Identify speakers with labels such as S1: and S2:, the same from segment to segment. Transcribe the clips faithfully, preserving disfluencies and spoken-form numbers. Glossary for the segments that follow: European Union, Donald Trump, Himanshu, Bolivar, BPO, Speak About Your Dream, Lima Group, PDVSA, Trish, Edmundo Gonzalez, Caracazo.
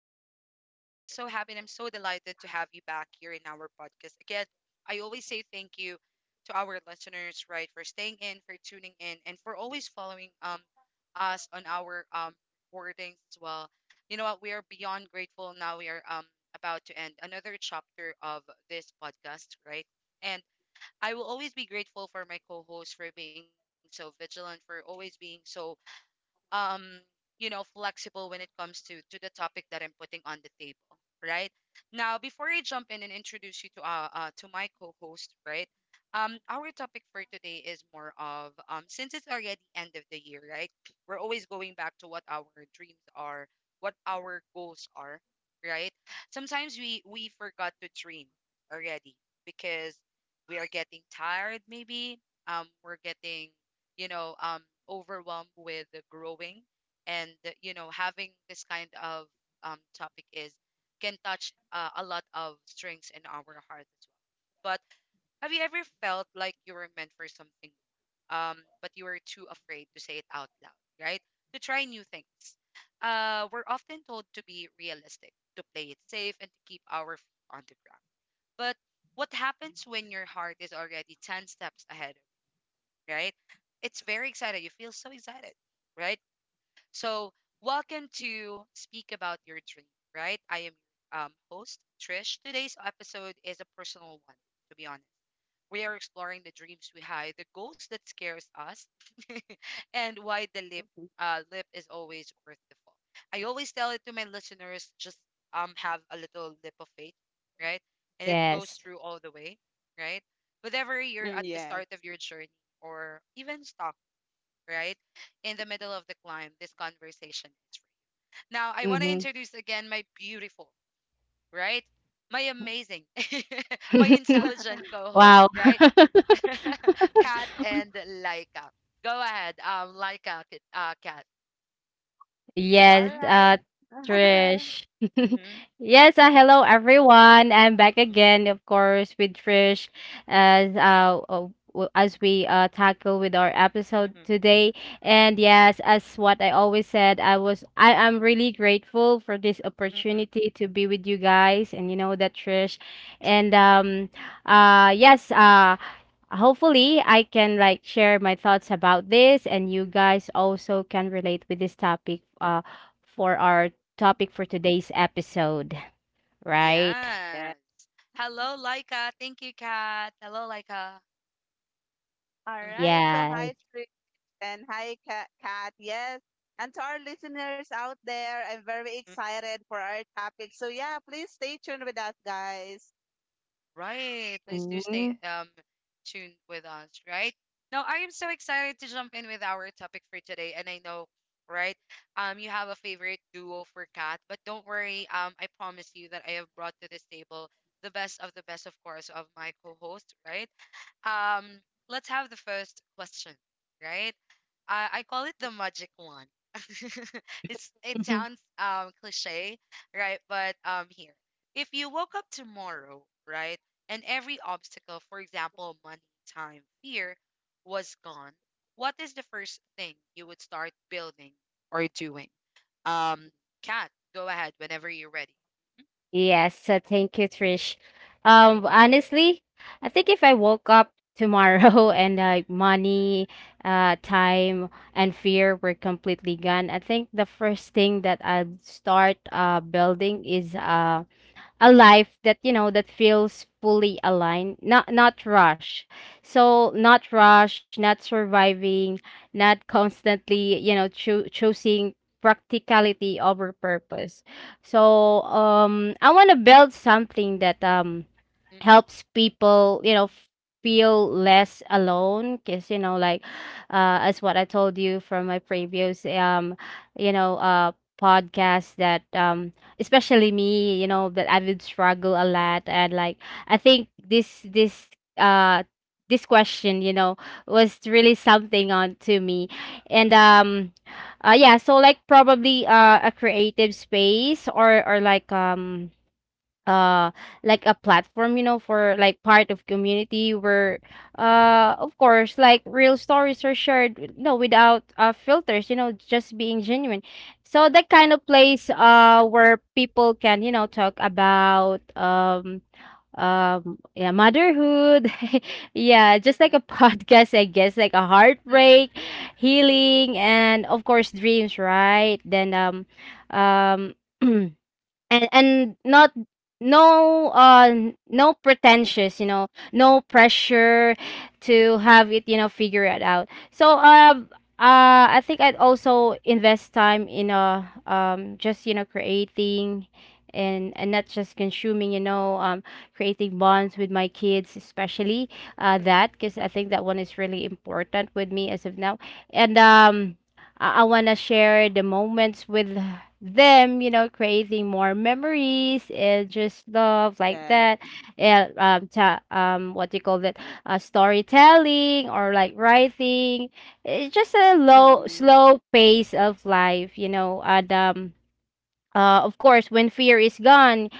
S1: of course. And I'm so happy and I'm so delighted to have you back here in our podcast. Again, I always say thank you to our listeners, right, for staying in, for tuning in, and for always following um us on our um recordings as well. You know what? We are beyond grateful. Now we are um about to end another chapter of this podcast, right? And I will always be grateful for my co-host for being so vigilant, for always being so um you know flexible when it comes to to the topic that I'm putting on the table, right? Now, before I jump in and introduce you to uh, uh to my co-host, right, um our topic for today is more of, um since it's already end of the year, right, we're always going back to what our dreams are, what our goals are, right? Sometimes we we forgot to dream already because we are getting tired, maybe, um we're getting, you know, um, overwhelmed with the growing, and, uh, you know, having this kind of, um, topic is, can touch, uh, a lot of strings in our heart as well. But have you ever felt like you were meant for something, um, but you were too afraid to say it out loud, right? To try new things. Uh, we're often told to be realistic, to play it safe, and to keep our feet on the ground. But what happens when your heart is already ten steps ahead of you, right? It's very excited. You feel so excited, right? So, welcome to Speak About Your Dream, right? I am your um, host, Trish. Today's episode is a personal one, to be honest. We are exploring the dreams we hide, the goals that scares us, and why the lip uh, lip is always worth the fall. I always tell it to my listeners, just um have a little lip of faith, right? And it goes
S2: Yes.
S1: through all the way, right? Whether you're
S3: Mm,
S1: at the
S3: yes.
S1: start of your journey or even stuck, right? In the middle of the climb, this conversation is free. Now, I want to
S2: Mhm.
S1: introduce again my beautiful, right? My amazing, my intelligent co host,
S2: Wow.
S1: right? Kat and Laika. Go ahead, um, Laika, K- uh, Kat.
S3: All
S2: Yes,
S1: Mm-hmm.
S3: right.
S2: uh, Trish.
S1: Mm-hmm.
S2: Yes, uh, hello everyone. I'm back again, of course, with Trish as uh uh, w- as we uh tackle with our episode
S1: Mm-mm.
S2: today. And yes, as what I always said, I was I am really grateful for this
S1: Mm-mm.
S2: opportunity to be with you guys, and you know that,
S1: Mm-mm.
S2: Trish. And um uh yes, uh hopefully
S1: Mm-mm.
S2: I can like share my thoughts about this, and you guys also can relate with this topic uh for our topic for today's episode, right?
S3: yeah.
S1: Yes. Hello, Laika. Thank you, Kat. Hello, Laika.
S3: All
S1: Mm-hmm.
S3: right. So
S2: Yes.
S3: hi, Trish, and hi, Ka- Kat. Yes. And to our listeners out there, I'm very excited for our topic. So yeah, please stay tuned with us, guys.
S1: Right. Please do stay
S2: Mhm.
S1: um tuned with us, right? Now, I am so excited to jump in with our topic for today, and I know, right? Um, you have a favorite duo for Kat, but don't worry. Um, I promise you that I have brought to this table the best of the best, of course, of my co-host, right? Um, let's have the first question, right? I, I call it the magic one. It's it sounds um cliche, right? But um here, if you woke up tomorrow, right, and every obstacle, for example, money, time, fear, was gone, what is the first thing you would start building or doing? Um, Kat, go ahead whenever you're ready.
S2: Yes, so thank you, Trish. Um, honestly, I think if I woke up tomorrow and like money, uh, time, and fear were completely gone, I think the first thing that I'd start uh building is um a life that, you know that feels fully aligned, not not rush, so not rush, not surviving, not constantly, you know, choo- choosing practicality over purpose. So um I want to build something that, um
S1: Mm-mm.
S2: helps people, you know, f- feel less alone, because, you know, like, uh as what I told you from my previous, um you know uh podcast, that, um especially me, you know, that I would struggle a lot. And like, I think this this uh this question, you know, was really something on to me. And um uh yeah, so like probably uh a creative space, or or like, um uh like a platform, you know, for like part of community where, uh
S1: Mm-mm.
S2: of course, like real stories are shared, you know, without uh filters, you know, just being genuine. So that kind of place, uh where people can, you know, talk about, um um yeah, motherhood. Yeah, just
S3: Mm-mm,
S2: like a podcast, I guess, like a
S3: mm-mm,
S2: heartbreak, healing, and of course, dreams, right? Then, um um and and not, no, uh n- no pretentious, you know, no pressure to have it, you know, figure it out. So, uh uh I think I'd also invest time in, uh um just, you know, creating. And and not just consuming, you know um creating bonds with my kids, especially, uh
S3: mm-mm.
S2: that because I think that one is really important with me as of now. And um I, I want to share the moments with them, you know, creating more memories and just love like
S3: Yes.
S2: that. And um, ta- um, what do you call that? Uh, storytelling or like writing. It's just a low,
S3: Mm-mm.
S2: slow pace of life, you know, and, um, uh, of course, when fear is gone,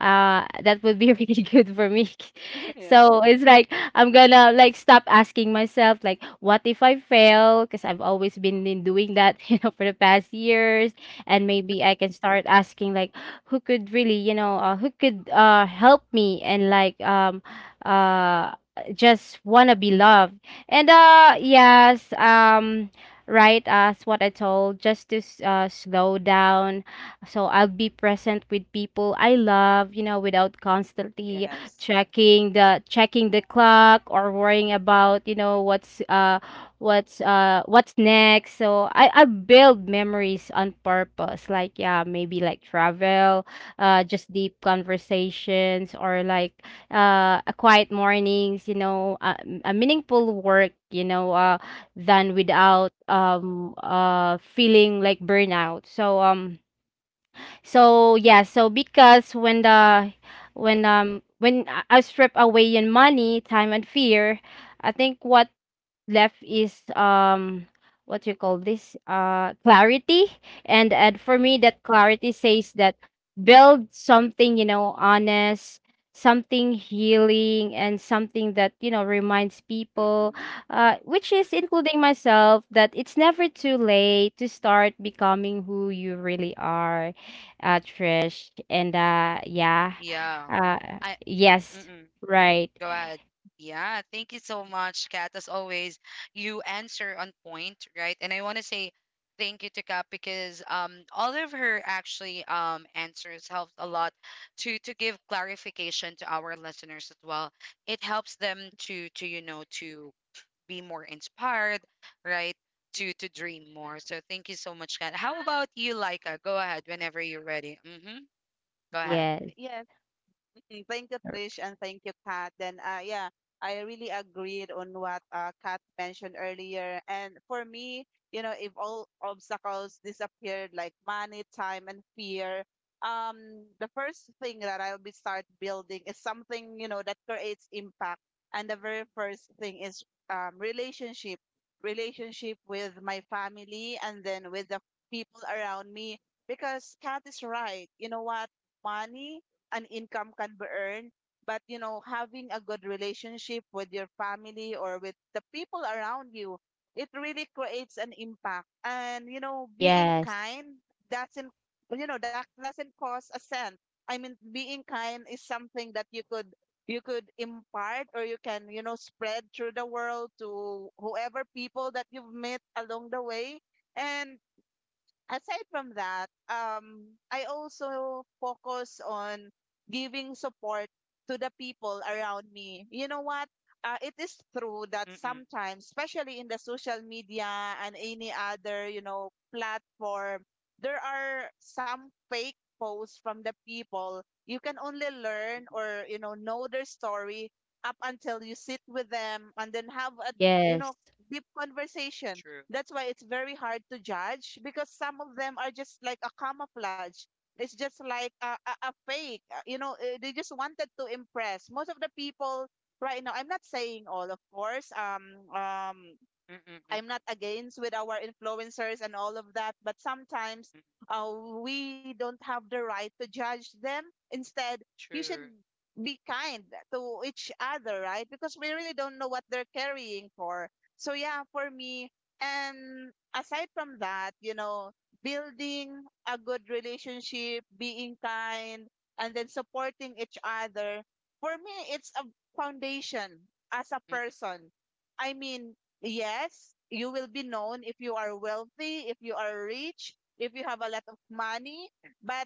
S2: uh, that would be really good for me.
S3: yeah.
S2: So it's like I'm gonna like stop asking myself, like, what if I fail? Because I've always been in doing that, you know, for the past years. And maybe I
S3: Mm-mm.
S2: can start asking, like, who could really, you know, uh, who could uh help me, and like, um uh just wanna be loved. And uh yes, um. Right, as what I told, just to s- uh, slow down, so I'll be present with people I love, you know, without constantly
S3: Yes.
S2: checking the checking the clock, or worrying about, you know, what's uh what's uh what's next. So I I build memories on purpose. Like, yeah, maybe like travel, uh just deep conversations, or like, uh a quiet mornings, you know, a, a meaningful work, you know, uh than without, um uh feeling like burnout. So um so yeah, so because when the when um when I I strip away your money, time, and fear, I think what left is, um what you call this, uh clarity. And and for me, that clarity says that build something, you know, honest, something healing, and something that, you know, reminds people,
S1: Mm-mm.
S2: uh which
S1: Mm-mm.
S2: is including myself, that it's never too late to start becoming who you really are, uh Trish. And uh yeah.
S1: Yeah,
S2: uh
S1: I.
S2: yes. Right.
S1: Go ahead. Yeah, thank you so much, Kat. As always, you answer on point, right? And I want to say thank you to Kat because, um, all of her actually, um, answers helped a lot to to give clarification to our listeners as well. It helps them to to you know to be more inspired, right? To to dream more. So thank you so much, Kat. How about you, Laika? Go ahead whenever you're ready. Mm-hmm. Go
S3: All
S1: ahead.
S2: Yes.
S3: right. Yes. Mm, thank you, Trish, and thank you, Kat. Then, uh, yeah, I really agreed on what uh, Kat mentioned earlier. And for me, you know, if all obstacles disappeared, like money, time, and fear, um, the first thing that I'll be start building is something, you know, that creates impact. And the very first thing is um, relationship, relationship with my family, and then with the people around me. Because Kat is right. You know what? Money an income can be earned, but you know, having a good relationship with your family or with the people around you, it really creates an impact. And you know, being
S2: Yes.
S3: kind doesn't, you know, that doesn't cost a cent. I mean, being kind is something that you could, you could impart, or you can, you know, spread through the world to whoever people that you've met along the way. And aside from that, um, I also focus on giving support to the people around me. You know what? Uh, it is true that
S1: Mm-mm.
S3: sometimes, especially in the social media and any other, you know, platform, there are some fake posts from the people. You can only learn
S1: Mm-mm.
S3: or, you know, know their story up until you sit with them and then have a, you know,
S2: Yes.
S3: deep conversation.
S1: True.
S3: That's why it's very hard to judge, because some of them are just like a camouflage. It's just like a, a, a fake. uh, You know, uh, they just wanted to impress. Most of the people right now, I'm not saying all, of course. Um, um,
S1: Mm-mm.
S3: I'm not against with our influencers and all of that, but sometimes
S1: Mm-mm.
S3: uh, we don't have the right to judge them. Instead, you should
S1: True.
S3: be kind to each other, right? Because we really don't know what they're carrying for. So yeah, for me, and aside from that, you know, building a good relationship, being kind, and then supporting each other. For me, it's a foundation as a person. I mean, yes, you will be known if you are wealthy, if you are rich, if you have a lot of money. But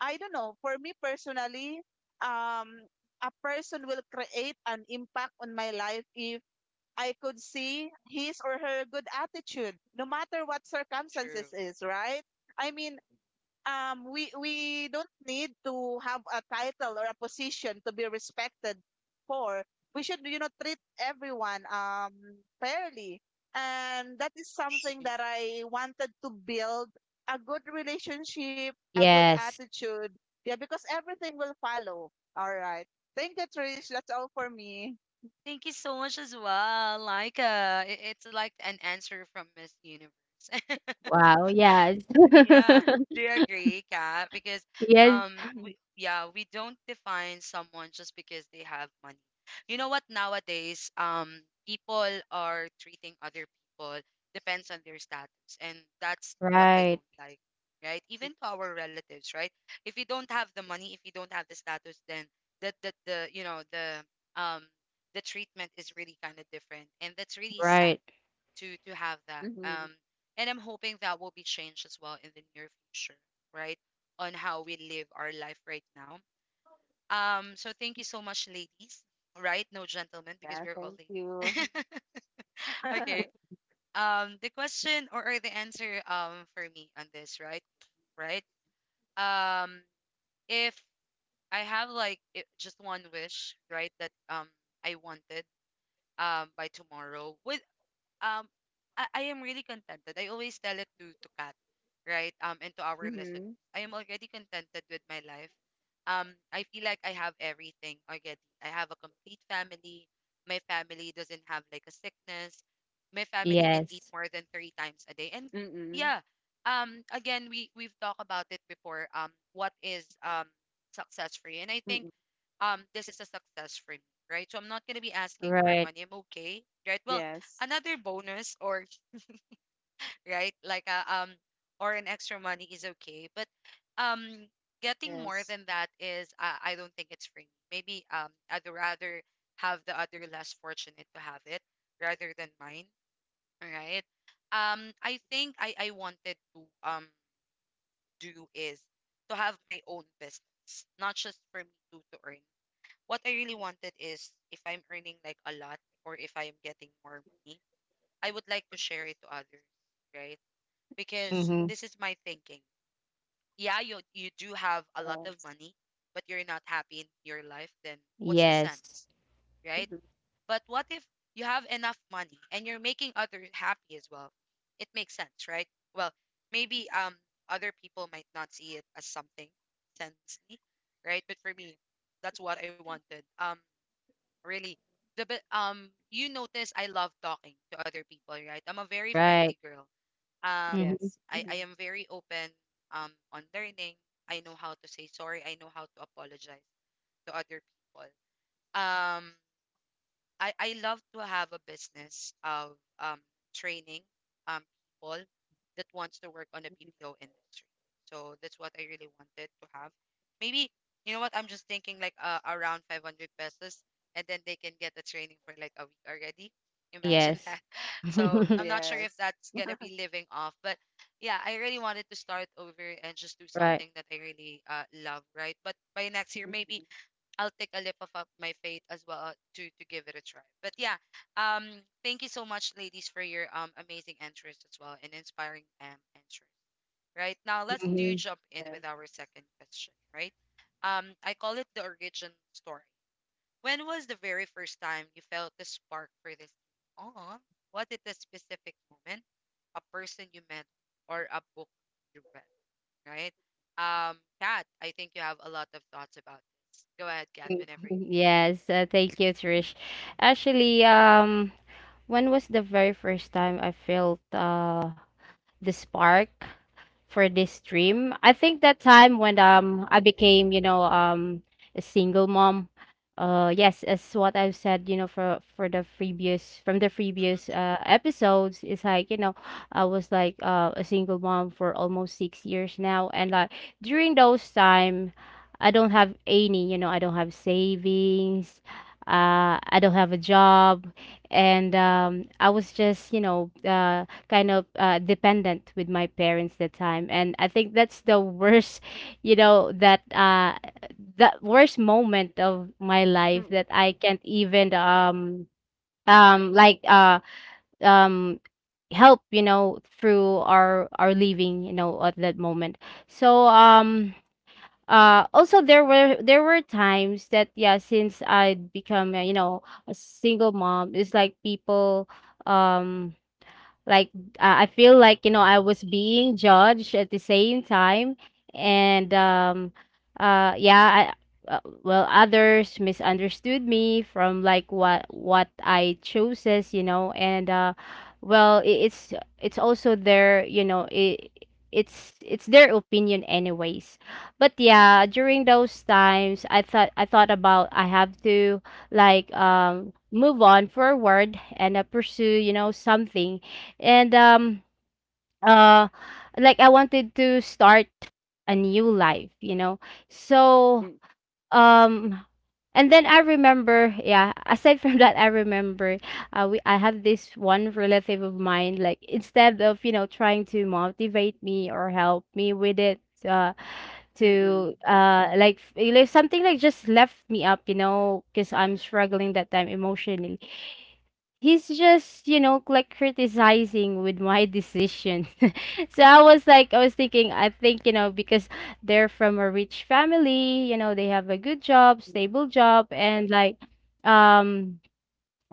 S3: I don't know, for me personally, um, a person will create an impact on my life if I could see his or her good attitude, no matter what
S1: True.
S3: circumstances is, right? I mean, um, we we don't need to have a title or a position to be respected for. We should, you know, treat everyone um fairly, and that is something that
S1: mm
S3: I wanted to build, a good relationship, a good
S2: Yes.
S3: attitude. Yeah, because everything will follow. All right. Thank you, Trish. That's all for me.
S1: Thank you so much as well. Like, uh, i- it's like an answer from Miss Universe.
S2: Wow, yes.
S1: Yeah. Do you agree, Kat? Because
S2: Yes.
S1: um we, yeah, we don't define someone just because they have money. You know what nowadays, um people are treating other people depends on their status, and that's what I
S2: Right,
S1: don't like, right? Even to our relatives, right? If you don't have the money, if you don't have the status, then the the, the you know the um the treatment is really kind of different, and that's really sad
S2: right.
S1: to to have that. Um, and I'm hoping that will be changed as well in the near future, right? On how we live our life right now. Um, so thank you so much, ladies. Right? No gentlemen, because
S3: Yeah,
S1: we're all
S3: thank you.
S1: ladies. Okay. Um, the question, or, or the answer, um for me on this, right? Right? Um, if I have like, i- just one wish, right, that um I wanted, um by tomorrow would, um I, I am really contented. I always tell it to to Kat, right? Um, and to our listeners,
S3: Mm-hmm.
S1: I am already contented with my life. Um, I feel like I have everything already. I have a complete family. My family doesn't have like a sickness. My family can eat
S2: Yes.
S1: more than three times a day. And
S3: Mm-mm.
S1: yeah, um, again, we we've talked about it before. Um, what is, um success for you? And I think
S3: Mm-mm.
S1: um this is a success for me, right? So I'm not gonna be asking for
S2: Right.
S1: money. I'm okay, right? Well,
S3: Yes.
S1: another bonus, or right, like a um or an extra money is okay, but um getting more
S3: Yes.
S1: than that is, uh, I don't think it's for me. Maybe um I'd rather have the other less fortunate to have it rather than mine. All right, um I think i i wanted to, um do is to have my own business, not just for me to to earn. What I really wanted is, if I'm earning like a lot, or if I am getting more money, I would like to share it to others, right? Because
S2: Mhm.
S1: this is my thinking. Yeah, you you do have a lot of
S3: Yes.
S1: money, but you're not happy in your life, then what's the
S2: Yes.
S1: sense, right?
S3: Mm-hmm.
S1: But what if you have enough money, and you're making others happy as well? It makes sense, right? Well, maybe um other people might not see it as something sensey, right? But for me, that's what I wanted. Um really, the bi- um you notice I love talking to other people, right? I'm a very
S2: Right.
S1: friendly girl um
S2: Mhm.
S3: Yes.
S1: I
S3: Mm-hmm.
S1: I am very open um on learning. I know how to say sorry. I know how to apologize to other people. Um I I love to have a business of um training um people that wants to work on the B P O industry. So that's what I really wanted to have. Maybe you know what, I'm just thinking like, uh, around 500 pesos, and then they can get the training for like a week already. Imagine
S2: Yes.
S1: that. So I'm not sure if
S3: Yes.
S1: that's gonna be living off, but yeah, I really wanted to start over and just do
S2: Right.
S1: something that I really uh love, right? But by next year,
S3: Mm-hmm.
S1: maybe I'll take a leap of of my faith as well, uh, to to give it a try. But yeah, um, thank you so much, ladies, for your um amazing answers as well, and inspiring um answers. Right now, let's
S2: Mhm.
S3: Mm-hmm.
S1: do
S2: Mhm.
S1: jump in
S3: Yeah.
S1: with our second question. Right, um, I call it the origin story. When was the very first time you felt the spark for this? Oh, was it a specific moment, a person you met, or a book you read? Right. Um, Kat, I think you have a lot of thoughts about this. Go ahead, Kat, whenever you.
S2: Yes, uh, thank you, Trish. Actually, um, when was the very first time I felt uh the spark for this stream? I think that time when,
S1: Mm.
S2: um I became, you know, um a single mom. Uh yes, as what I've said, you know, for for the previous from the
S1: Mm. Mm.
S2: previous
S1: Mm.
S2: uh episodes, it's like, you know, I was like, uh, a single mom for almost six years now, and like during those time, I don't have any, you know, I don't have savings. Uh, I don't have a job, and, um, I was just, you know, uh, kind of, uh, dependent with my parents that time. And I think that's the worst, you know, that, uh the worst moment of my life,
S3: Mm-mm.
S2: that I can't even, um um like uh um help, you know, through our our living, you know, at that moment. So um uh also, there were there were times that, yeah, since I'd become, uh, you know, a single mom, it's like people, um like uh, I feel like, you know, I was being judged at the same time. And um uh yeah, I, uh, well, others misunderstood me from like what what I chose, as you know, and, uh well, I it's it's also their, you know, it it's it's their opinion anyways. But yeah, during those times, I thought I thought about I have to, like um move on forward, and, uh, pursue, you know, something. And um uh like I wanted to start a new life, you know. So um and then I remember, yeah, aside from that, I remember, uh, we I have this one relative of mine, like, instead of, you know, trying to motivate me or help me with it, uh
S3: Mm-mm.
S2: to uh like f- like something like just left me up, you know, because I'm struggling that time emotionally. He's just, you know, like criticizing with my decision. So, I was like I was thinking I think you know, because they're from a rich family, you know, they have a good job, stable job, and like, um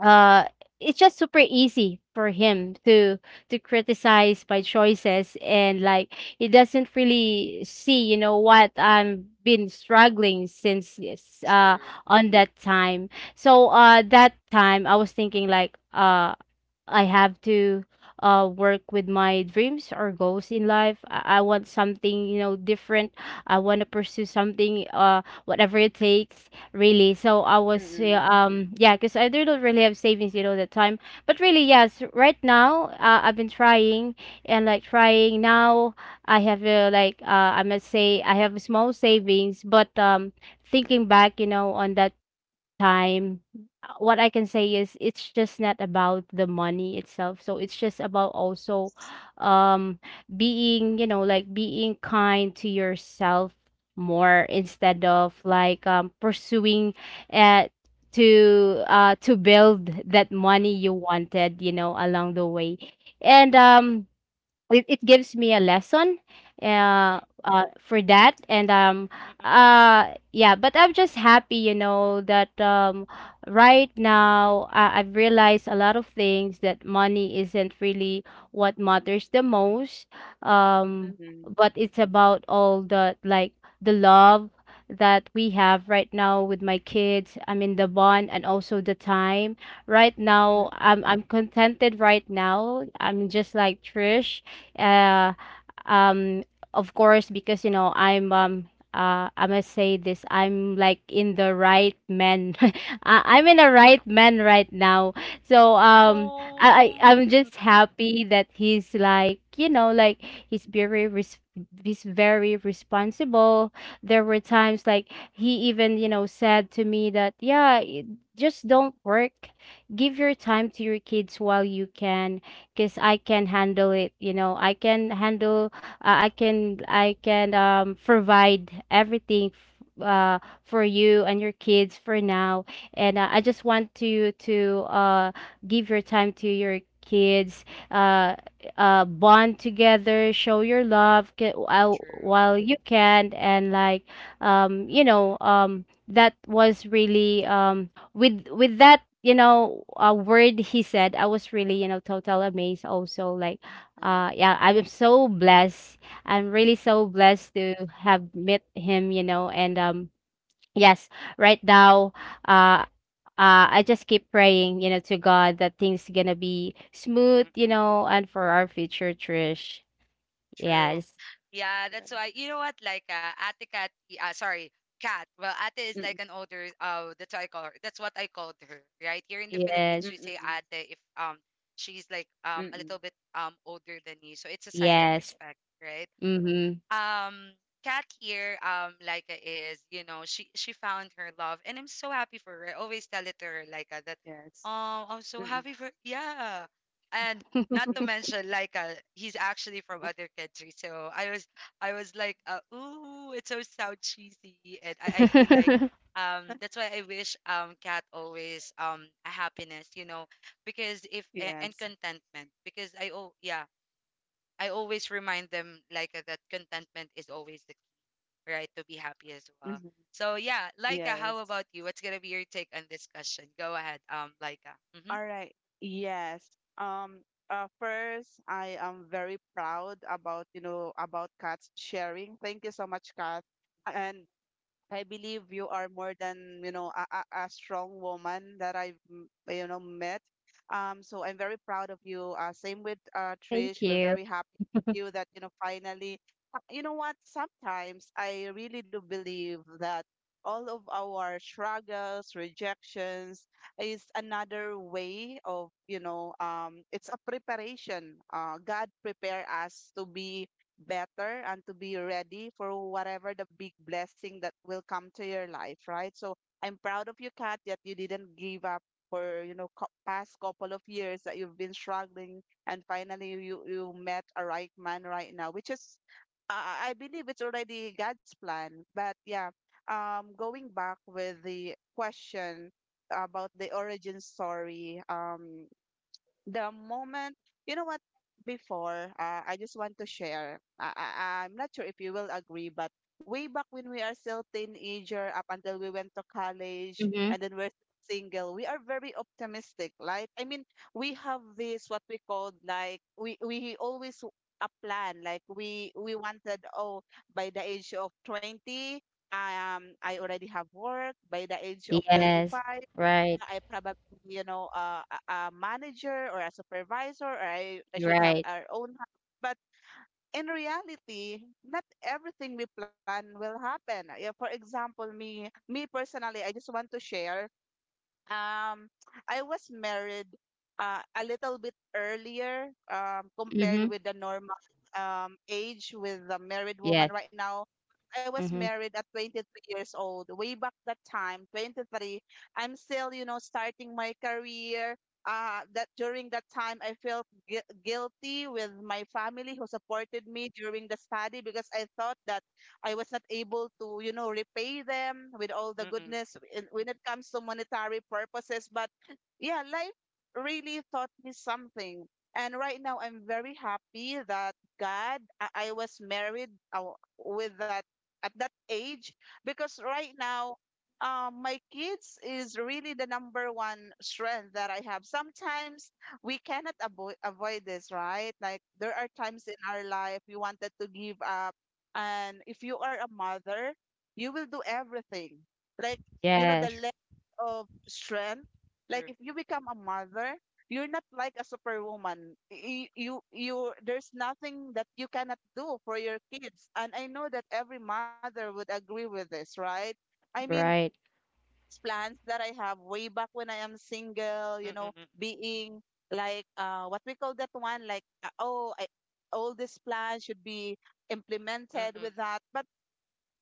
S2: uh it's just super easy for him to to criticize my choices, and like he doesn't really see, you know, what I'm been struggling since, yes, uh
S1: True.
S2: on that time. So, uh that time I was thinking, like, uh I have to uh work with my dreams or goals in life. I, I want something, you know, different. I want to pursue something, uh whatever it takes, really. So I was,
S3: Mm-mm.
S2: uh,
S3: Mm-mm.
S2: um yeah, cuz I don't really have savings, you know, that time. But really, yes, right now, uh, I've been trying and like trying now. I have, uh, like uh I must say, I have small savings, but um thinking back, you know, on that time. Uh, what I can say is it's just not about the money itself. So it's just about also
S3: S-
S2: um being, you know, like being kind to yourself more,
S3: mm-
S2: instead of like, um pursuing, uh to uh to build that
S1: Mm.
S2: money you wanted, you know, along the way. And um it, it gives me a lesson,
S1: Mm.
S2: uh,
S1: Mm.
S2: uh for that. and um
S1: Mm. Mm.
S2: uh yeah, but I'm just happy, you know, that,
S1: Mm. Aw, mm.
S2: um right now, I, I've realized a lot of things, that money isn't really what matters the most, um
S3: mm-hmm.
S2: but it's about all the, like, the love that we have right now with my kids, I mean, the bond, and also the time. Right now, i'm i'm contented. Right now, I'm just like Trish, uh, um, of course, because, you know, I'm, um, uh, I must say this. I'm like in the right man. I- I'm in a right man right now. So um, I
S1: Oh,
S2: I- I'm
S1: mm.
S2: just
S1: Mm,
S2: happy that he's like, you know, like he's very, res- he's very responsible. There were times like he even, you know, said to me that, yeah, y- just don't work. Give your time to your kids while you can, because I can handle it. You know, I can handle. Uh, I can. I can, um provide everything. F- uh for you and your kids for now. And, uh, I just want to to uh give your time to your kids, uh uh bond together, show your love, ca- while
S1: true.
S2: while you can, and like, um you know, um that was really, um with with that, you know, uh, word he said, I was really, you know, total amazed also, like,
S1: Mm.
S2: uh yeah, I'm so blessed, I'm really so
S3: Mm-mm.
S2: blessed to have met him, you know. And um yes, right now, uh uh, I just keep praying, you know, to God that things gonna be smooth,
S1: Mm.
S2: you
S1: Mm.
S2: know, and for our future, Trish.
S1: True.
S2: Yes,
S1: Yeah,
S3: Mm-mm.
S1: that's why you know what, like, uh, Ate Kat, uh, sorry, Kat. Well, Ate is
S3: Mm-mm.
S1: like an older. Uh, that's what I call her. That's what I called her. Right here in the
S2: yes,
S1: Philippines, we say
S3: Mm-mm.
S1: Ate if um she's like um a
S3: Mm-mm.
S1: little bit um older than you, so it's a sign of
S2: yes.
S1: respect, right?
S2: Mm-hmm.
S1: um Kat here, um Laika is, you know she she found her love, and I'm so happy for her. I always tell it to her, Laika, that,
S3: Yes.
S1: oh, I'm so
S3: Mm-mm.
S1: happy for, yeah, and not
S3: Mm-mm.
S1: to mention Laika, he's actually from other country. So I was I was like, uh, ooh, it's so sound cheesy, and I, I feel like um that's why I wish um Kat always, um a happiness, you know, because if a- and
S3: Yes.
S1: contentment, because I, oh yeah, I always remind them like, uh, that contentment is always the key, right, to be happy as well.
S3: Mm-hmm.
S1: So yeah, Laika, how
S3: Yes.
S1: about you? What's gonna be your take on this question? Go ahead, um, Laika. Mm-hmm.
S3: All right. Yes. Um, uh, First, I am very proud about, you know, about Kat's sharing. Thank you so much, Kat. And I believe you are more than, you know, a, a, a strong woman that I've, m- you know, met. Um, so I'm very proud of you. Uh, same with uh,
S2: Thank
S3: Trish. We're
S2: you.
S3: very happy with you that, you know, finally. Uh, you know what? Sometimes I really do believe that all of our struggles, rejections is another way of, you know, um, it's a preparation. Uh, God prepare us to be better and to be ready for whatever the big blessing that will come to your life, right? So I'm proud of you, Kat, that you didn't give up for, you know, co- past couple of years that you've been struggling, and finally you you met a right man right now, which is uh, I believe it's already God's plan. But yeah, um, going back with the question about the origin story, um, the moment, you know what, before, uh, I just want to share. I, I, I'm not sure if you will agree, but way back when we are still teenager, up until we went to college,
S2: Mm-hmm.
S3: and then we're single, we are very optimistic, right? I mean, we have this what we called like we we always w- a plan. Like we we wanted, oh, by the age of twenty, um, I already have work. By the age of
S2: Yes,
S3: twenty-five.
S2: right,
S3: I probably, you know, uh, a a manager or a supervisor, or I, I should have
S2: right.
S3: our own house. But in reality, not everything we plan will happen. Yeah, for example, me, me personally, I just want to share. Um, I was married uh, a little bit earlier um, compared
S2: Mm-hmm.
S3: with the normal um, age with the married woman
S2: Yes.
S3: right now. I was
S2: Mm-hmm.
S3: married at twenty-three years old. Way back that time, twenty-three, I'm still, you know, starting my career. Uh, that during that time, I felt gui- guilty with my family who supported me during the study because I thought that I was not able to, you know, repay them with all the
S1: Mm-mm.
S3: goodness in- when it comes to monetary purposes. But yeah, life really taught me something. And right now, I'm very happy that God, I, I was married uh, with that at that age, because right now, um, my kids is really the number one strength that I have. Sometimes we cannot avoid avoid this, right? Like there are times in our life we wanted to give up. And if you are a mother, you will do everything, like, you know, the
S1: True.
S2: Yes.
S3: level of strength, like if you become a mother, you're not like a superwoman. You, you you there's nothing that you cannot do for your kids. And I know that every mother would agree with this, right? I mean,
S2: Right.
S3: it's plans that I have way back when I am single, you know,
S1: Mm-mm.
S3: being like, uh, what we call that one, like, uh, oh, I, all these plans should be implemented
S1: Mm-mm.
S3: with that. But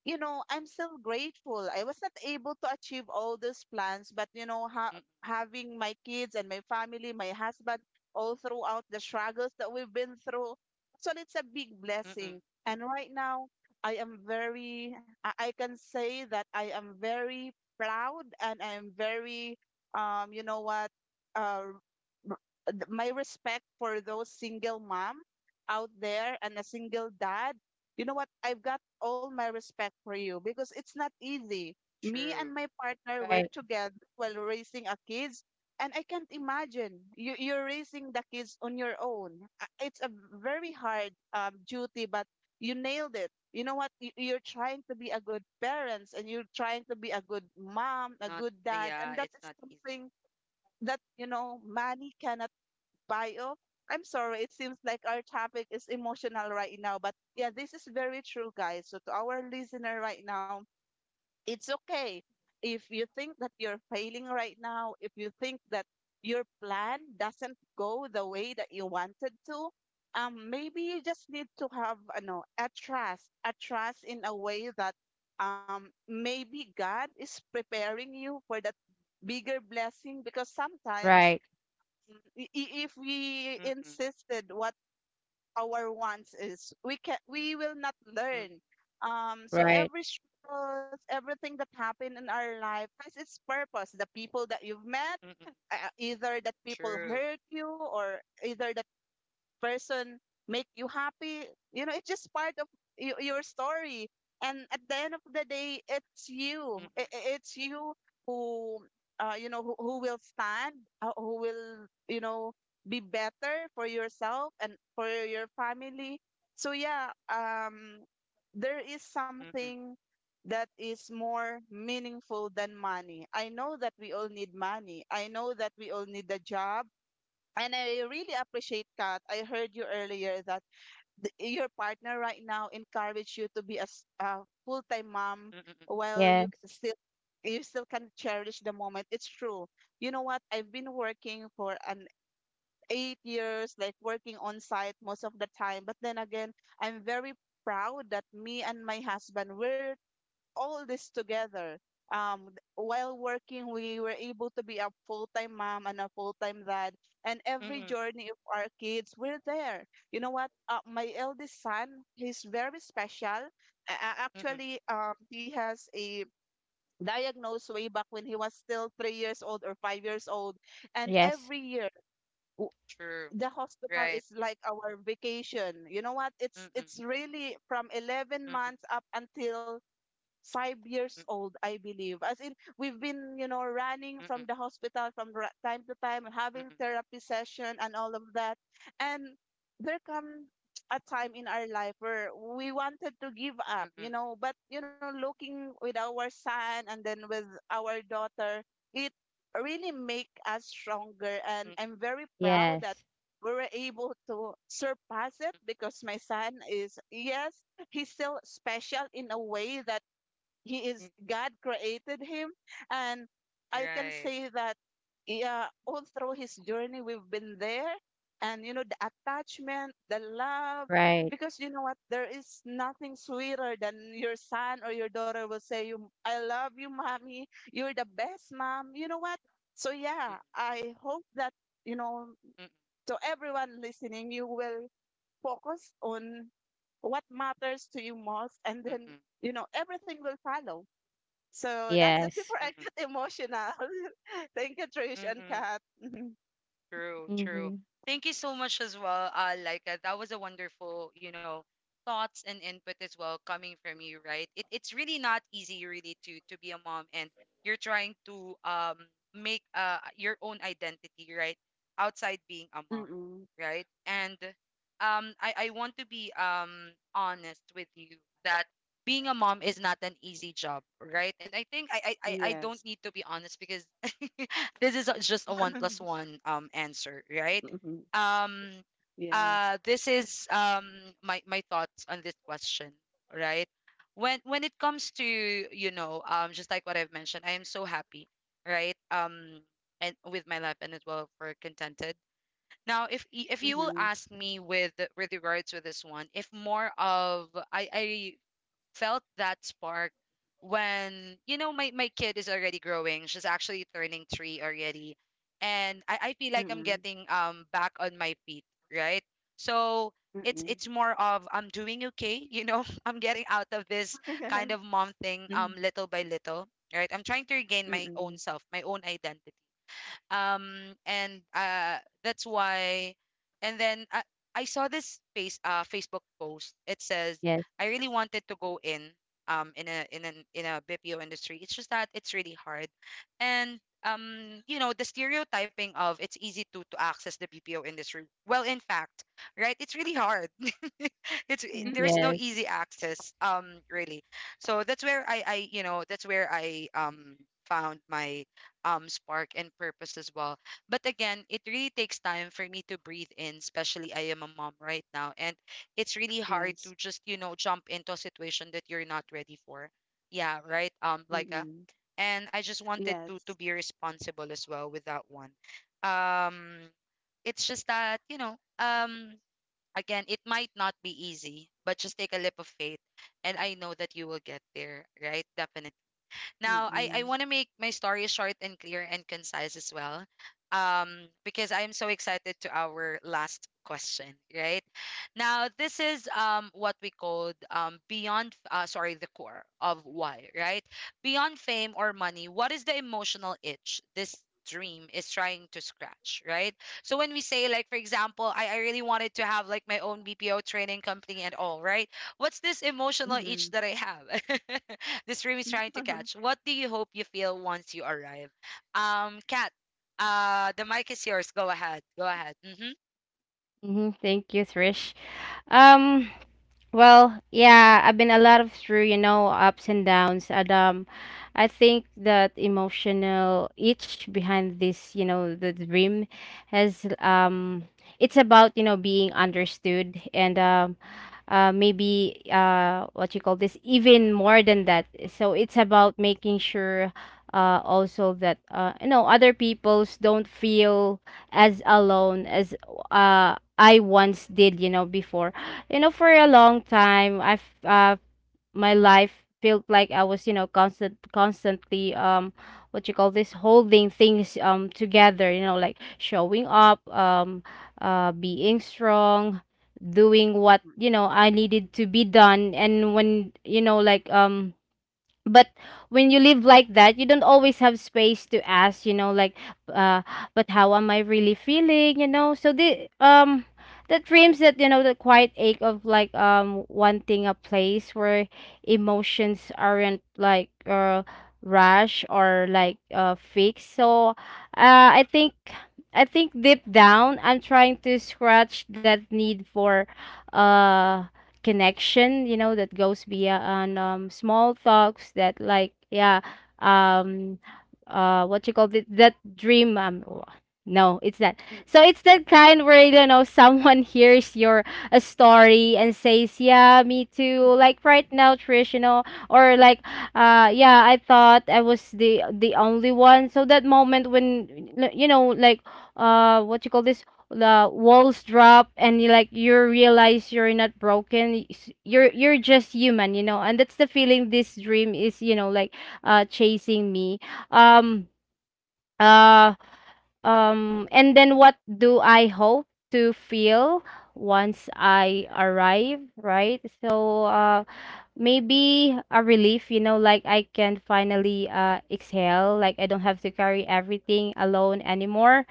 S3: you know, I'm still grateful. I was not able to achieve all those plans, but you know, ha-
S1: Mm-mm.
S3: having my kids and my family, my husband, all throughout the struggles that we've been through, so it's a big
S1: Mm-mm.
S3: blessing. And right now, I am very, I I can say that I am very proud, and I'm very, um, you know what, uh, r- th- my respect for those single mom out there and a single dad. You know what? I've got all my respect for you, because it's not easy. Me and
S1: True.
S3: my partner were
S2: Right.
S3: together while raising our kids, and I can't imagine you, you're raising the kids on your own. Uh, It's a very hard um, duty, but you nailed it. You know what? You- You're trying to be a good parents, and you're trying to be a good mom, a
S1: Not.
S3: good dad,
S1: Yeah,
S3: and that
S1: it's
S3: is
S1: not easy.
S3: something that, you know, money cannot bio. I'm sorry, it seems like our topic is emotional right now, but yeah, this is very true, guys. So to our listener right now, it's okay if you think that you're failing right now, if you think that your plan doesn't go the way that you wanted to, um, maybe you just need to have, you know, a trust, a trust in a way that um, maybe God is preparing you for that bigger blessing. Because sometimes
S2: Right.
S3: i- i- if we
S1: Mm-mm.
S3: insisted what our wants is, we can we will not
S1: Mm-mm.
S3: learn. Um, so
S2: Right.
S3: every struggles, everything that happened in our life has its purpose. The people that you've met,
S1: Mm-mm.
S3: uh, either that people
S1: True.
S3: hurt you, or either that person make you happy, you know, it's just part of y- your story. And at the end of the day, it's you I-
S1: Mm-mm.
S3: i- it's you who, uh, you know, who, who will stand, uh, who will, you know, be better for yourself and for your family. So yeah, um, there is
S1: Mm-mm.
S3: something that is more meaningful than money. I know that we all need money. I know that we all need a job. And I really appreciate Kat. I heard you earlier that the, your partner right now encourage you to be a, s- a full-time mom
S1: Mm-mm.
S3: while you c-
S2: Yes.
S3: still you still can cherish the moment. It's true. You know what? I've been working for an eight years, like working on site most of the time. But then again, I'm very proud that me and my husband were all this together. Um, th- while working, we were able to be a full-time mom and a full-time dad, and every
S1: Mm-mm.
S3: journey of our kids, we're there. You know what? Uh, my eldest son, he's very special. A- a-
S1: Mm-mm.
S3: actually, um, he has a diagnosed way back when he was still three years old or five years old. And
S2: Yes.
S3: every year, w-
S1: True.
S3: the hospital
S1: Right.
S3: is like our vacation. You know what? It's
S1: Mm-mm.
S3: it's really from eleven months
S1: Mm-mm.
S3: up until five years old, I believe. As in, we've been, you know, running from
S1: Mm-mm.
S3: the hospital from ra- time to time,
S1: Mm-mm.
S3: having
S1: Mm-mm.
S3: therapy session and all of that. And there come a time in our life where we wanted to give up, you
S1: Mm-mm.
S3: know, but, you know, looking with our son and then with our daughter, it really make us stronger. And I'm very proud that
S2: Yes.
S3: we were able to surpass it because my son is, yes, he's still special in a way that he is
S1: Mm-mm.
S3: God created him. And I can
S1: Right.
S3: say that, yeah, all through his journey we've been there. And you know the attachment, the love,
S2: Right.
S3: because you know what, there is nothing sweeter than your son or your daughter will say you, "I love you, mommy, you're the best mom." You know what? So yeah, I hope that, you know
S1: Mm-mm.
S3: to everyone listening, you will focus on what matters to you most. And then,
S1: Mm-mm.
S3: you know, everything will follow. So that's the
S2: Yes.
S3: before I
S1: Mm-mm.
S3: get emotional. Thank you, Trish and
S1: Mm-mm,
S3: Kat.
S1: true, true.
S2: Mm-hmm.
S1: Thank you so much as well, uh, Laika. That was a wonderful, you know, thoughts and input as well coming from you, right? It, it's really not easy, really, to to be a mom and you're trying to um make uh your own identity, right? Outside being a mom,
S3: Mm-mm.
S1: right? And um, I I want to be um honest with you that being a mom is not an easy job, right? And I think I I I I
S3: Yes.
S1: don't need to be honest because this is a- just a one plus one um answer, right?
S3: Mm-mm.
S1: Um
S3: Yes.
S1: uh this is um my my thoughts on this question, right? When when it comes to, you know, um just like what I've mentioned, I am so happy, right? Um and with my life and as well for contented. Now, if y- if you will
S3: Mm-mm.
S1: ask me with with regards to this one, if more of I I felt that spark when you know my my kid is already growing. She's actually turning three already, and I, I feel like I'm
S3: Mm-mm.
S1: getting um back on my feet, right? So it's
S3: Mm-mm.
S1: it's more of I'm doing okay, you know. I'm getting out of this kind of mom thing um little by little, right? I'm trying to regain my own self, my own identity um and uh that's why and then uh, I saw this face uh Facebook post. It says
S2: Yes.
S1: I really wanted to go in um in a in an in a B P O industry. It's just that it's really hard. And um you know the stereotyping of it's easy to to access the B P O industry. Well, in fact, right? It's really hard. it's it- there's no
S2: Yes.
S1: easy access um really. So that's where I I you know that's where I um found my um spark and purpose as well. But again, it really takes time for me to breathe in, especially I am a mom right now and it's really hard to
S3: Yes.
S1: just, you know, jump into a situation that you're not ready for. Yeah, right? Um
S3: Mm. Mm-mm. Mm-mm. Yes.
S1: like a
S3: Mm-mm.
S1: and I just wanted to to
S3: Yes.
S1: be responsible as well with that one. Um it's just that, you know, um again, it might not be easy, but just take a leap of faith and I know that you will get there, right? Definitely. Now, I, I
S3: Mm-mm.
S1: want to make my story short and clear and concise as well, um, because I am so excited to our last question, right? Now, this is um, what we called um, beyond, uh, sorry, the core of why, right? Beyond fame or money, what is the emotional itch this dream is trying to scratch, right? So when we say, like, for example, I, I really wanted to have like my own B P O training company and all, right? What's this emotional itch
S3: Mm-mm.
S1: that I have? this dream is trying to catch. What do you hope you feel once you arrive? Um, Kat, uh, the mic is yours. Go ahead. Go ahead. Mm-hmm.
S2: Mm-hmm. Thank you, Trish. Um Well, yeah, I've been a lot of through, you know, ups and downs. And um, I think that emotional itch behind this, you know, the dream has um, it's about, you know, being understood and um, uh, maybe uh, what you call this, even more than that. So it's about making sure uh, also that uh, you know other peoples don't feel as alone as uh, I once did, you know, before. You know, for a long time i've uh my life felt like I was, you know, constant constantly um what you call this, holding things um together, you know, like showing up um uh being strong, doing what, you know, I needed to be done. And when, you know, like um but when you live like that, you don't always have space to ask, you know, like uh but how am I really feeling, you know? So the um that dreams, that, you know, the quiet ache of like, um wanting a place where emotions aren't like uh rush or like uh fixed. So uh i think I think deep down, I'm trying to scratch that need for, uh, connection, you know, that goes beyond um small talks, that, like, yeah. um uh what you call it, that dream um w- no it's not so it's that kind where, you know, someone hears your a story and says, yeah, me too, like right now, Trish, you know. Or like uh yeah, I thought I was the the only one. So that moment when, you know, like uh what you call this, the walls drop and you, like, you realize you're not broken y- s- you're you're just human, you know. And that's the feeling this dream is, you know, like, uh chasing me. um uh um and then what do I hope to feel once I arrive, right? So uh maybe a relief, you know, like I can finally uh exhale, like I don't have to carry everything alone anymore.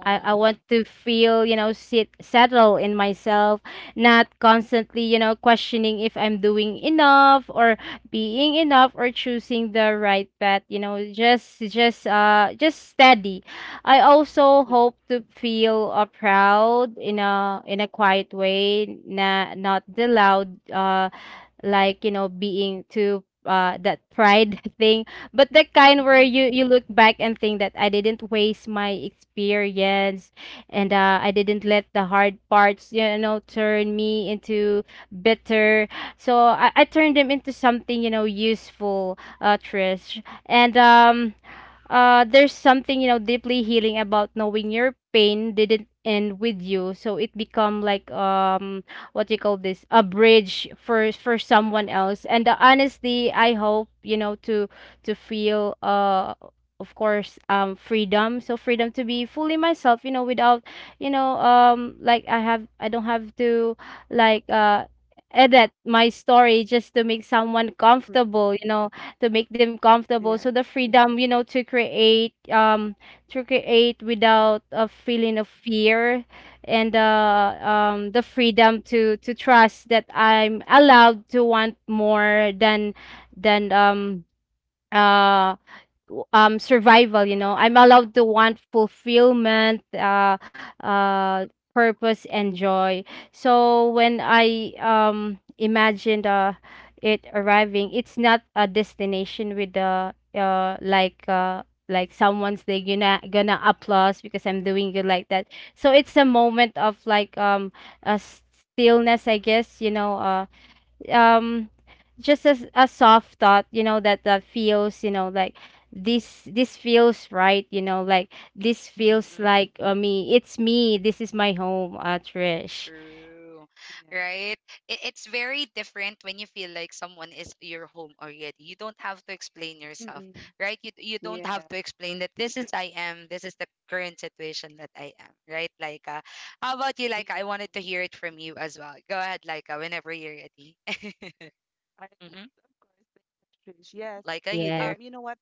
S2: I, I want to feel, you know, sit settle in myself, not constantly, you know, questioning if I'm doing enough or being enough or choosing the right path, you know, just just uh just steady. I also
S3: Mm. Mm. Mm.
S2: hope to feel uh, proud in a in a quiet way, na, not the loud uh like, you know, being too uh that pride thing, but the kind where
S3: Mm.
S2: you you look back and think that I didn't waste my experience. And uh I didn't let the hard parts, you know, turn me into bitter. So i, I turned them into something, you know, useful, uh, Trish. And um uh There's something, you know, deeply healing about knowing your pain didn't end with you, so it become like, um what you call this, a bridge for for someone else. And uh, honestly, I hope, you know, to to feel, uh of course, um freedom. So freedom to be fully myself, you know, without, you know, um like, I have, I don't have to, like uh edit my story just to make someone
S3: Mm.
S2: comfortable, you know, to make them comfortable.
S3: Yes.
S2: So the freedom, you know, to create um to create without a feeling of fear. And uh, um, the freedom to to trust that I'm allowed to want more than than um uh um survival. You know, I'm allowed to want fulfillment, uh uh purpose and joy. So when I um imagined uh it arriving, it's not a destination with the uh like, uh like someone's they gonna gonna applause because I'm doing it like that. So it's a moment of like, um a stillness, I guess, you know. uh um just as a soft thought, you know, that that feels, you know, like this this feels right, you know, like this
S3: Mm-hmm.
S2: feels like, uh, me, it's me, this is my home, uh, Trish.
S1: True.
S3: Yeah.
S1: Right? It, it's very different when you feel like someone is your home already. You don't have to explain yourself,
S3: Mm-mm.
S1: right? You you don't have
S3: Yeah.
S1: to explain that this is I am, this is the current situation that I am, right? Like uh, how about you, Like
S3: Yes.
S1: I wanted to hear it from you as well. Go ahead, Laika, whenever you're ready.
S3: I,
S1: mm-hmm.
S3: yes, of course. Thank you, Trish. Yes.
S1: Laika, you
S2: Yes.
S3: Um,
S1: there?
S3: you know what?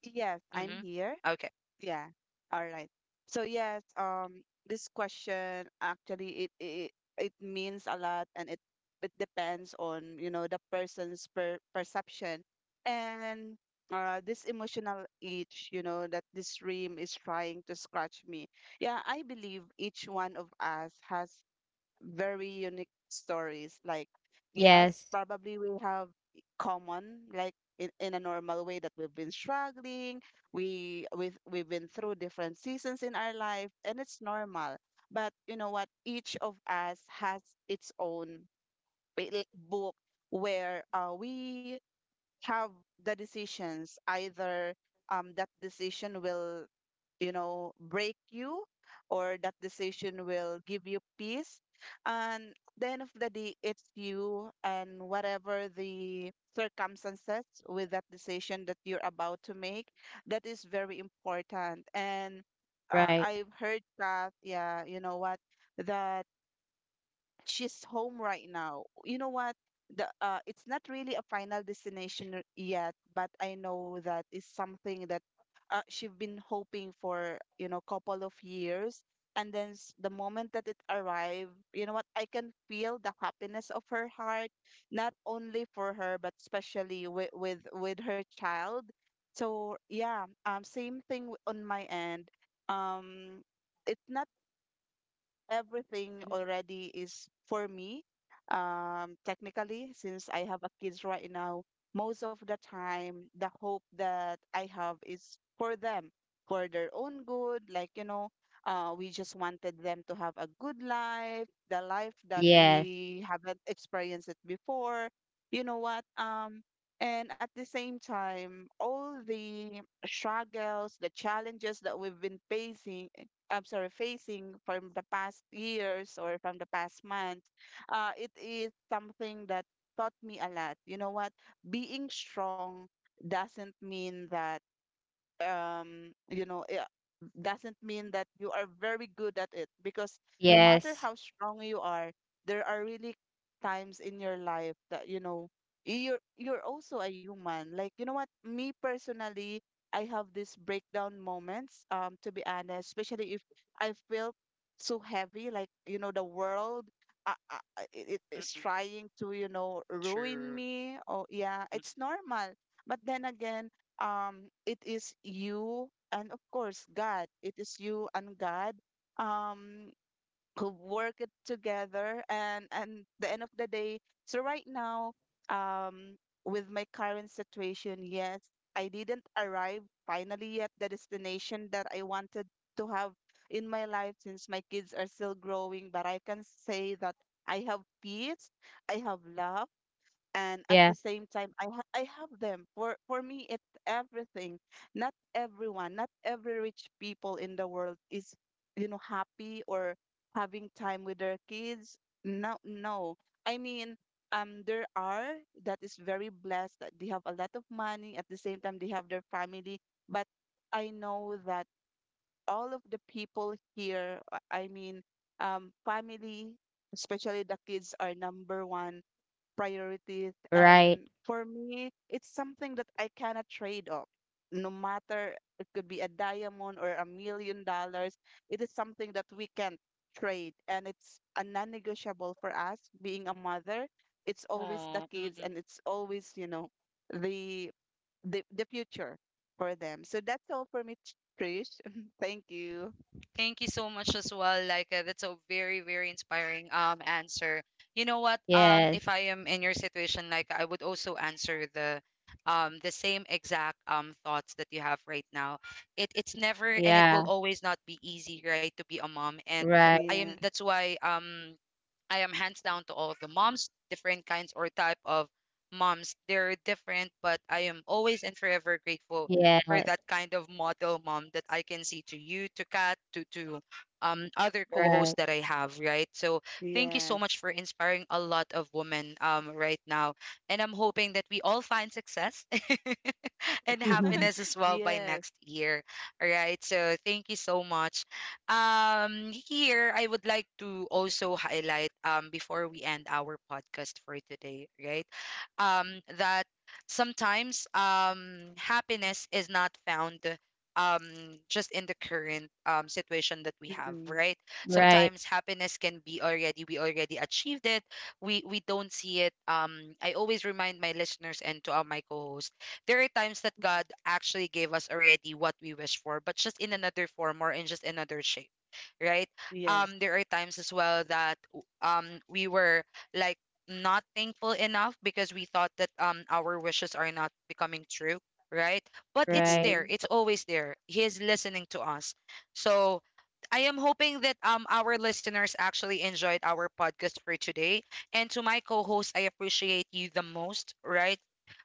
S3: Yes, I'm
S1: Mm-hmm.
S3: here.
S1: Okay.
S3: Yeah. All right. So yes, um, this question, actually it it it means a lot, and it it depends on you know the person's per perception, and uh, this emotional itch, you know, that this dream is trying to scratch me. Yeah, I believe each one of us has very unique stories. Like, yes,
S2: Yes.
S3: probably we have common, like in, in a normal way that we've been struggling, we with we've been through different seasons in our life, and it's normal. But you know what? Each of us has its own bi- li- book where uh, we have the decisions. Either um, that decision will, you know, break you, or that decision will give you peace. And at the end of the day, it's you and whatever the circumstances with that decision that you're about to make, that is very important. And uh,
S2: Right.
S3: I've heard that, yeah, you know what, that she's home right now. You know what? The uh, it's not really a final destination r- yet, but I know that is something that uh, she have been hoping for, you know, couple of years. And then s- the moment that it arrived, you know what? I can feel the happiness of her heart, not only for her, but especially with with with her child. So yeah, um, same thing w- on my end. Um, it's not everything already is for me. Um, technically, since I have a kids right now, most of the time, the hope that I have is for them, for their own good. Like, you know, uh, we just wanted them to have a good life, the life that
S2: Yes.
S3: we haven't experienced it before. You know what? Um, and at the same time, all the struggles, the challenges that we've been facing, I'm sorry, facing from the past years or from the past month, uh, it is something that taught me a lot. You know what? Being strong doesn't mean that um you know yeah, doesn't mean that you are very good at it, because no matter
S2: Yes.
S3: how strong you are, there are really times in your life that, you know, you're you're also a human. Like, you know what, me personally, I have these breakdown moments, um to be honest, especially if I feel so heavy, like, you know, the world uh, uh, uh, it is
S1: Mm-mm.
S3: trying to, you know, ruin
S1: True.
S3: me. Oh yeah,
S1: Mm-mm.
S3: it's normal. But then again, um it is you, and of course God, it is you and God, um who work it together and and the end of the day. So right now, um with my current situation, yes, I didn't arrive finally at the destination that I wanted to have in my life, since my kids are still growing. But I can say that I have peace, I have love, and at
S2: Yeah.
S3: the same time i ha- I have them. For for me, it's everything. Not everyone, not every rich people in the world is, you know, happy or having time with their kids. No, no, I mean, um there are that is very blessed that they have a lot of money, at the same time they have their family. But I know that all of the people here, uh, I mean, um family, especially the kids, are number one priorities.
S2: Right.
S3: And for me, it's something that I cannot trade off. No matter it could be a diamond or a million dollars, it is something that we can't trade. And it's a non negotiable for us being a mother. It's always the
S1: Aw,
S3: kids
S1: mm-mm.
S3: and it's always, you know, the the, the future for them. So that's all for me, Ch- Trish. Thank you.
S1: Thank you so much as well. Like uh, that's a very very inspiring um answer. You know what? Um,
S2: Yes.
S1: if I am in your situation, like I would also answer the um the same exact um thoughts that you have right now. It it's never and it
S2: Yeah.
S1: will always not be easy, right, to be a mom. And I
S2: Right.
S1: am
S3: Yeah.
S1: that's why um I am hands down to all the moms, different kinds or type of moms. They're different, but I am always and forever grateful
S2: Yes.
S1: for that kind of model mom that I can see to you, to Kat, to to um other co-hosts
S2: Right.
S1: that I have, right? So thank you so
S3: Yes.
S1: much for inspiring a lot of women um right now. And I'm hoping that we all find success and happiness as well by
S3: Yes.
S1: next year. All right. So thank you so much. Um, here I would like to also highlight um before we end our podcast for today, right? Um, that sometimes um happiness is not found um just in the current um situation that we have
S3: Mm-mm.
S1: right
S2: Right.
S1: sometimes happiness can be already we already achieved it we we don't see it um I always remind my listeners and to all my co hosts there are times that God actually gave us already what we wish for, but just in another form or in just another shape, right?
S3: Yes.
S1: Um, there are times as well that w- um we were like not thankful enough because we thought that um our wishes are not becoming true, right? But it's
S2: Right.
S3: Mm-hmm.
S1: there. It's always there. He is listening to us. So I am hoping that um our listeners actually enjoyed our podcast for today. And to my co-host, I appreciate you the most, right?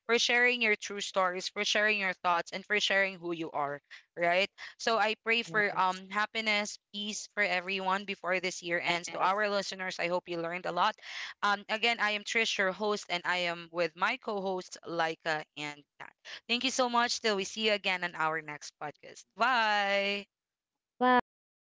S1: For sharing your true stories, for sharing your thoughts, and for sharing who you are, right? So I pray for
S3: Yes.
S1: um happiness, peace for everyone before this year ends. To
S2: Yes.
S1: our listeners, I hope you learned a lot. Um, again, I am Trish, your host, and I am with my co-hosts Laika and Kat. Thank you so much. Till we see you again on our next podcast. Bye.
S2: Bye.